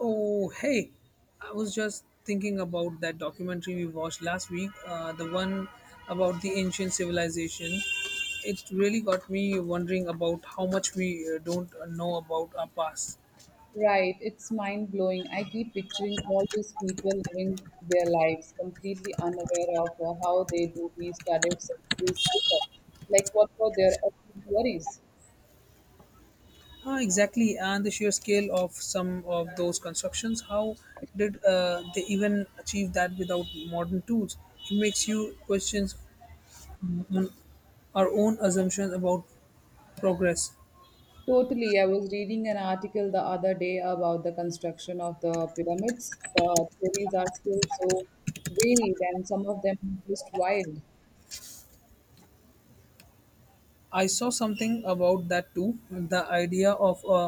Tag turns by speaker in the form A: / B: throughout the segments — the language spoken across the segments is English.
A: Oh, hey, I was just thinking about that documentary we watched last week, the one about the ancient civilization. It really got me wondering about how much we don't know about our past.
B: Right, it's mind blowing. I keep picturing all these people living their lives completely unaware of how they do these studied centuries later. Like, what were their actual worries?
A: Ah, exactly, and the sheer scale of some of those constructions. How did they even achieve that without modern tools? It makes you question our own assumptions about progress.
B: Totally. I was reading an article the other day about the construction of the pyramids. The theories are still so varied, and some of them are just wild.
A: I saw something about that too. The idea of a,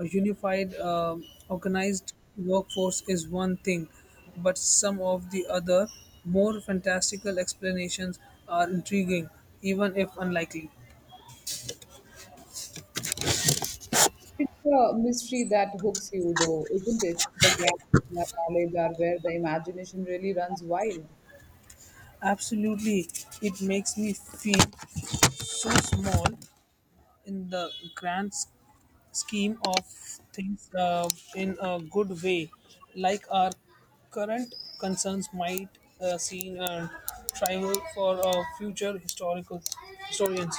A: a unified, organized workforce is one thing, but some of the other more fantastical explanations are intriguing, even if unlikely.
B: It's a mystery that hooks you, though, isn't it? The gaps in our knowledge are where the imagination really runs wild.
A: Absolutely, it makes me feel so small in the grand scheme of things, in a good way, like our current concerns might seem trivial for future historical historians.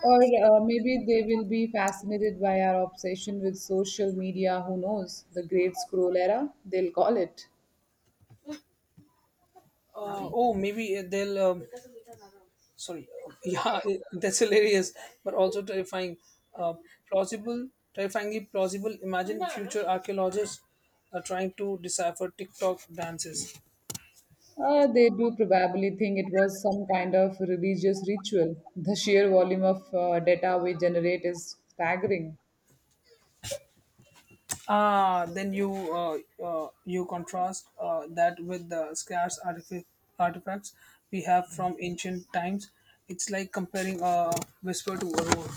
B: Or maybe they will be fascinated by our obsession with social media. Who knows? The great scroll era, they'll call it.
A: Oh, maybe they'll. Sorry, yeah, that's hilarious, but also terrifying. Uh, Plausible, terrifyingly plausible. Imagine future archaeologists are trying to decipher TikTok dances.
B: They do probably think it was some kind of religious ritual. The sheer volume of data we generate is staggering.
A: Then you contrast that with the scarce artifacts we have from ancient times. It's like comparing a whisper to a roar.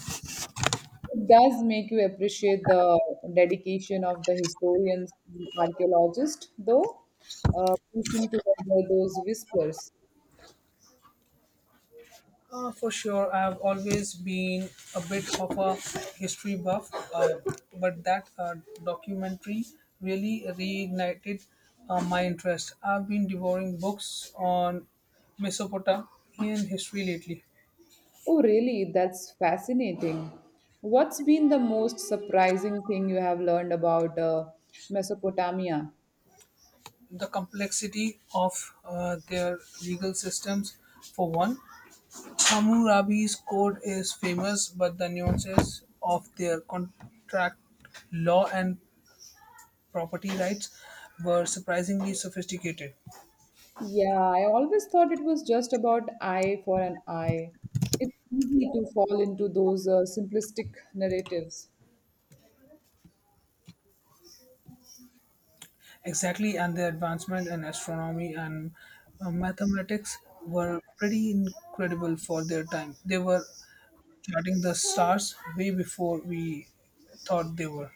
B: It does make you appreciate the dedication of the historians and archaeologists, though, piecing together those whispers.
A: For sure, I've always been a bit of a history buff, but that documentary really reignited my interest. I've been devouring books on Mesopotamian history lately.
B: Oh, really? That's fascinating. What's been the most surprising thing you have learned about Mesopotamia?
A: The complexity of their legal systems, for one. Hammurabi's code is famous, but the nuances of their contract law and property rights were surprisingly sophisticated.
B: Yeah, I always thought it was just about eye for an eye. It's easy to fall into those simplistic narratives.
A: Exactly, and their advancement in astronomy and mathematics were pretty incredible for their time. They were charting the stars way before we thought they were.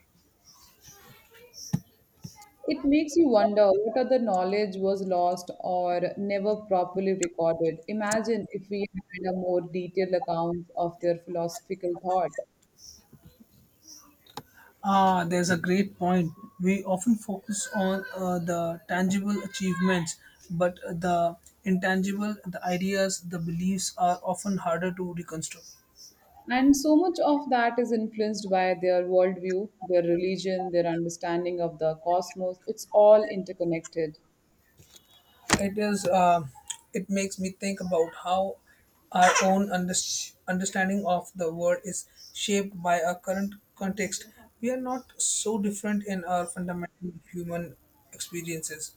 B: It makes you wonder what other knowledge was lost or never properly recorded. Imagine if we had a more detailed account of their philosophical thought.
A: Ah, there's a great point. We often focus on the tangible achievements, but the intangible, the ideas, the beliefs are often harder to reconstruct.
B: And so much of that is influenced by their worldview, their religion, their understanding of the cosmos. It's all interconnected.
A: It is. It makes me think about how our own understanding of the world is shaped by our current context. We are not so different in our fundamental human experiences.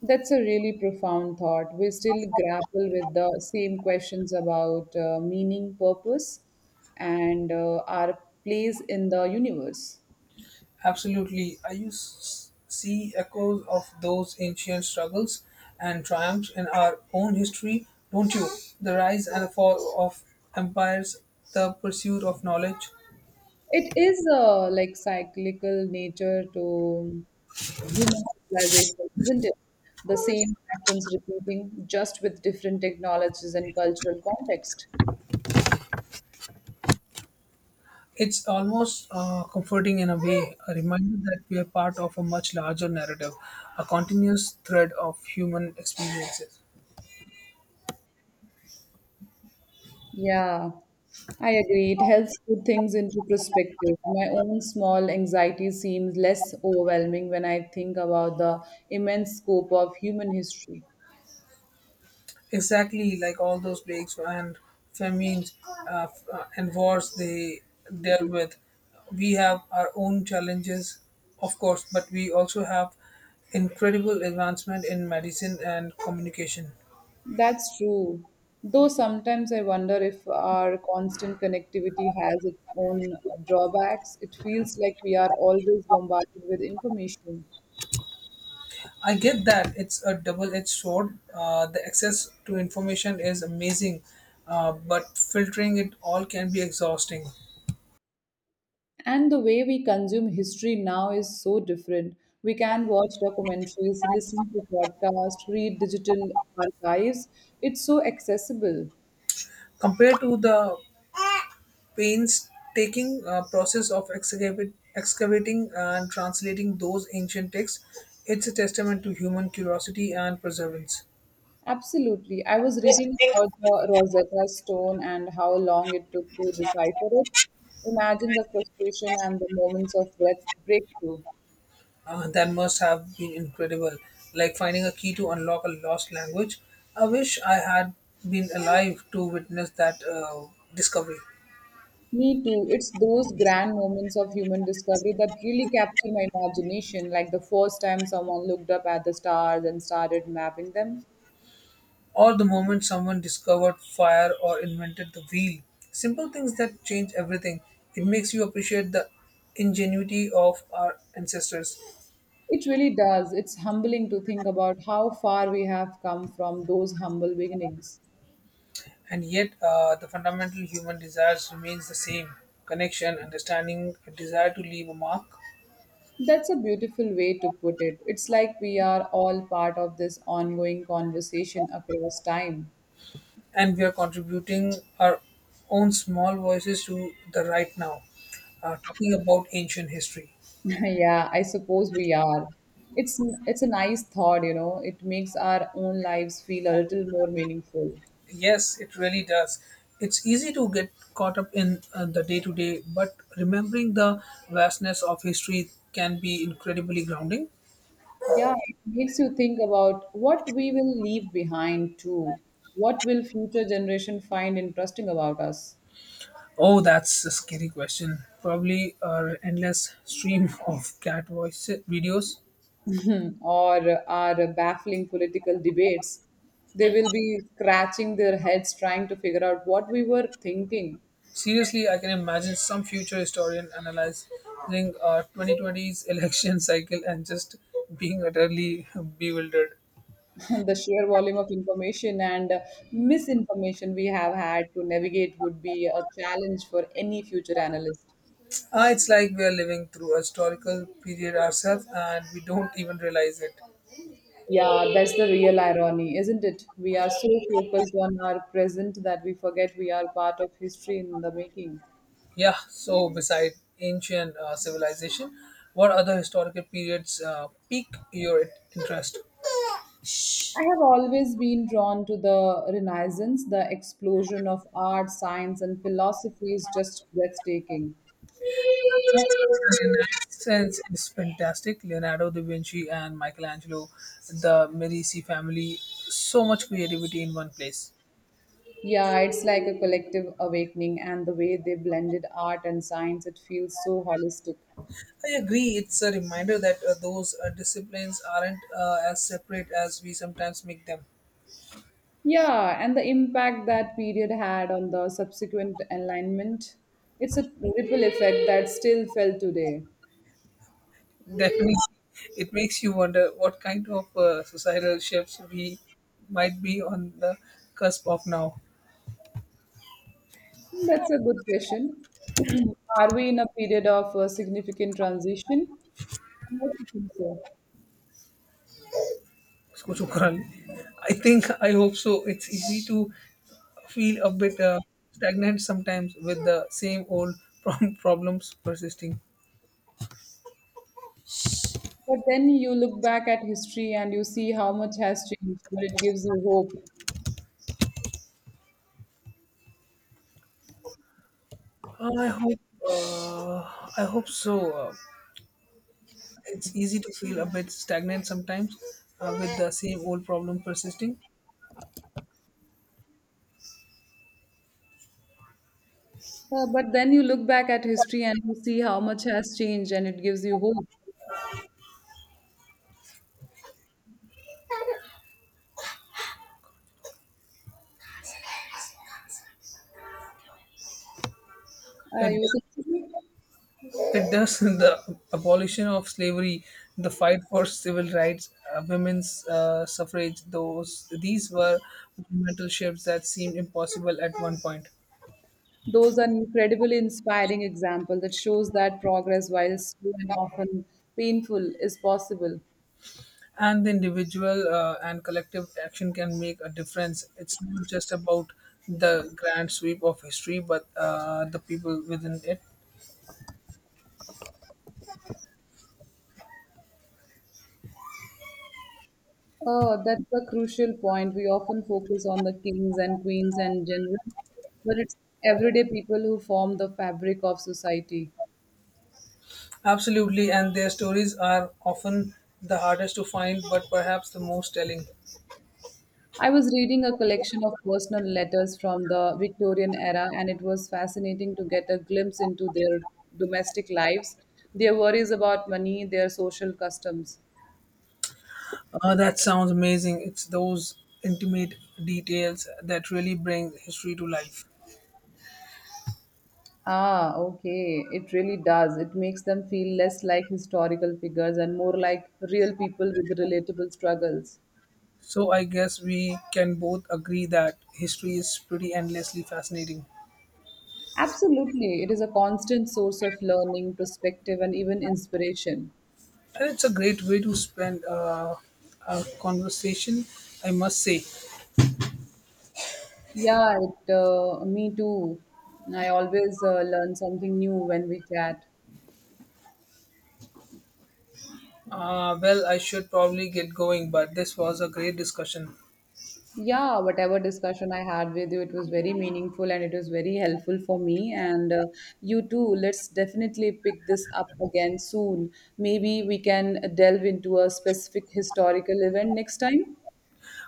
B: That's a really profound thought. We still grapple with the same questions about meaning, purpose, and our place in the universe.
A: Absolutely. I see echoes of those ancient struggles and triumphs in our own history, don't you? The rise and the fall of empires, the pursuit of knowledge.
B: It is a like cyclical nature to human civilization, isn't it? The same patterns repeating, just with different technologies and cultural context.
A: It's almost comforting, in a way, a reminder that we are part of a much larger narrative, a continuous thread of human experiences.
B: Yeah, I agree. It helps put things into perspective. My own small anxiety seems less overwhelming when I think about the immense scope of human history.
A: Exactly, like all those plagues and famines, and wars they dealt with. We have our own challenges, of course, but we also have incredible advancement in medicine and communication.
B: That's true. Though sometimes I wonder if our constant connectivity has its own drawbacks. It feels like we are always bombarded with information.
A: I get that, it's a double-edged sword. The access to information is amazing, but filtering it all can be exhausting.
B: And the way we consume history now is so different. We can watch documentaries, listen to podcasts, read digital archives. It's so accessible.
A: Compared to the painstaking process of excavating and translating those ancient texts. It's a testament to human curiosity and perseverance.
B: Absolutely. I was reading about the Rosetta Stone and how long it took to decipher it. Imagine the frustration and the moments of breakthrough.
A: That must have been incredible, like finding a key to unlock a lost language. I wish I had been alive to witness that discovery,
B: Me too. It's those grand moments of human discovery that really capture my imagination, like the first time someone looked up at the stars and started mapping them.
A: or the moment someone discovered fire or invented the wheel. Simple things that change everything. It makes you appreciate the ingenuity of our ancestors.
B: It really does. It's humbling to think about how far we have come from those humble beginnings.
A: And yet, the fundamental human desires remains the same: connection, understanding, a desire to leave a mark.
B: That's a beautiful way to put it. It's like we are all part of this ongoing conversation across time.
A: And we are contributing our own small voices to the right now. Talking about ancient history,
B: Yeah, I suppose we are. It's it's a nice thought, you know. It makes our own lives feel a little more meaningful.
A: yes, it really does. It's easy to get caught up in the day to day, but remembering the vastness of history can be incredibly grounding.
B: Yeah, it makes you think about what we will leave behind too. What will future generation find interesting about us?
A: Oh, that's a scary question. Probably an endless stream of cat voice videos.
B: Or our baffling political debates, they will be scratching their heads trying to figure out what we were thinking.
A: Seriously, I can imagine some future historian analyzing 2020's election cycle and just being utterly bewildered.
B: The sheer volume of information and misinformation we have had to navigate would be a challenge for any future analyst.
A: It's like we are living through a historical period ourselves and we don't even realize it.
B: Yeah, that's the real irony, isn't it? We are so focused on our present that we forget we are part of history in the making.
A: Yeah, so beside ancient civilization, what other historical periods pique your interest?
B: I have always been drawn to the Renaissance. The explosion of art, science, and philosophy is just breathtaking.
A: Renaissance is fantastic. Leonardo da Vinci and Michelangelo, the Medici family, so much creativity in one place.
B: Yeah, it's like a collective awakening, and the way they blended art and science, it feels so holistic.
A: I agree. It's a reminder that those disciplines aren't as separate as we sometimes make them.
B: Yeah, and the impact that period had on the subsequent enlightenment, it's a ripple effect that's still felt today.
A: Definitely, it makes you wonder what kind of societal shifts we might be on the cusp of now.
B: That's a good question. Are we in a period of significant transition? I don't think so.
A: Isko shukran. I think, I hope so. It's easy to feel a bit stagnant sometimes with the same old problems persisting.
B: But then you look back at history and you see how much has changed, but it gives you hope.
A: I hope. I hope so. It's easy to feel a bit stagnant sometimes with the same old problem persisting.
B: But then you look back at history and you see how much has changed and it gives you hope. Uh,
A: It,
B: you see,
A: it does the abolition of slavery, the fight for civil rights, women's suffrage. Those these were monumental shifts that seemed impossible at one point.
B: those are incredibly inspiring example that shows that progress, while slow and often painful, is possible.
A: And the individual and collective action can make a difference. It's not just about the grand sweep of history, but the people within it.
B: Oh, that's a crucial point. We often focus on the kings and queens and generals, but it's everyday people who form the fabric of society.
A: Absolutely, and their stories are often the hardest to find, but perhaps the most telling.
B: I was reading a collection of personal letters from the Victorian era, and it was fascinating to get a glimpse into their domestic lives, their worries about money, their social customs.
A: That sounds amazing. It's those intimate details that really bring history to life.
B: Ah, okay. It really does. It makes them feel less like historical figures and more like real people with relatable struggles.
A: So, I guess we can both agree that history is pretty endlessly fascinating.
B: Absolutely. It is a constant source of learning, perspective, and even inspiration.
A: And it's a great way to spend a conversation, I must say.
B: Yeah, me too. I always learn something new when we chat.
A: Well, I should probably get going, but this was a great discussion.
B: Yeah, whatever discussion I had with you, it was very meaningful and it was very helpful for me. And You too, let's definitely pick this up again soon. Maybe we can delve into a specific historical event next time.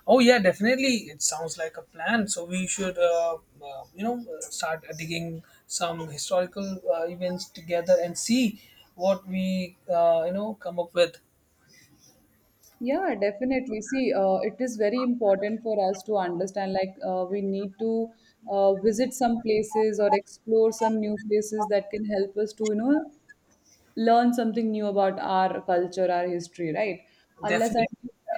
A: Oh yeah, definitely. It sounds like a plan. So we should, start digging some historical events together and see what we, come up with.
B: Yeah, definitely. See, it is very important for us to understand, like, we need to visit some places or explore some new places that can help us to, you know, learn something new about our culture, our history, right? Unless and
A: Definitely,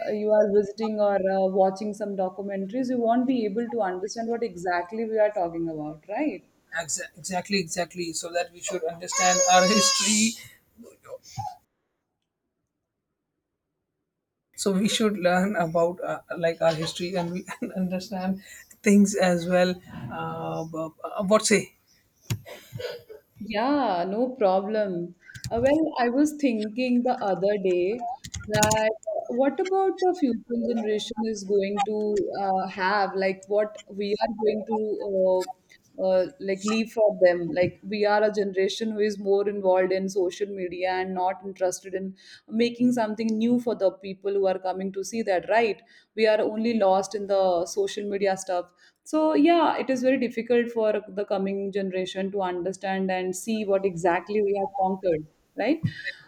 B: you are visiting or watching some documentaries, you won't be able to understand what exactly we are talking about, right?
A: exactly, exactly. So that we should understand our history. So we should learn about like our history and we and understand things as well. But, what say?
B: Yeah, no problem. Well, I was thinking the other day that what about the future generation is going to have, like what we are going to uh, like leave for them. Like we are a generation who is more involved in social media and not interested in making something new for the people who are coming to see that, right? We are only lost in the social media stuff, so yeah, it is very difficult for the coming generation to understand and see what exactly we have conquered, right?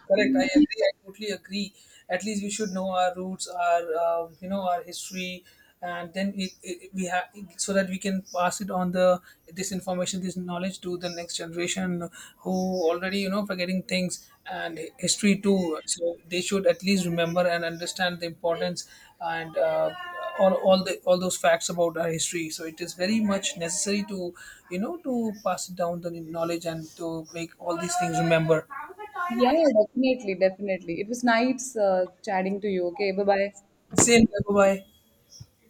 A: Correct. I
B: Mm,
A: agree. I totally agree. At least we should know our roots, our you know our history, and then we have, so that we can pass it on, the this information, this knowledge, to the next generation who already forgetting things and history too. So they should at least remember and understand the importance, and all those facts about our history. So it is very much necessary to to pass it down, the knowledge, and to make all these things remember.
B: yeah, definitely, definitely. It was nice chatting to you. Okay, bye bye.
A: Same here. Bye.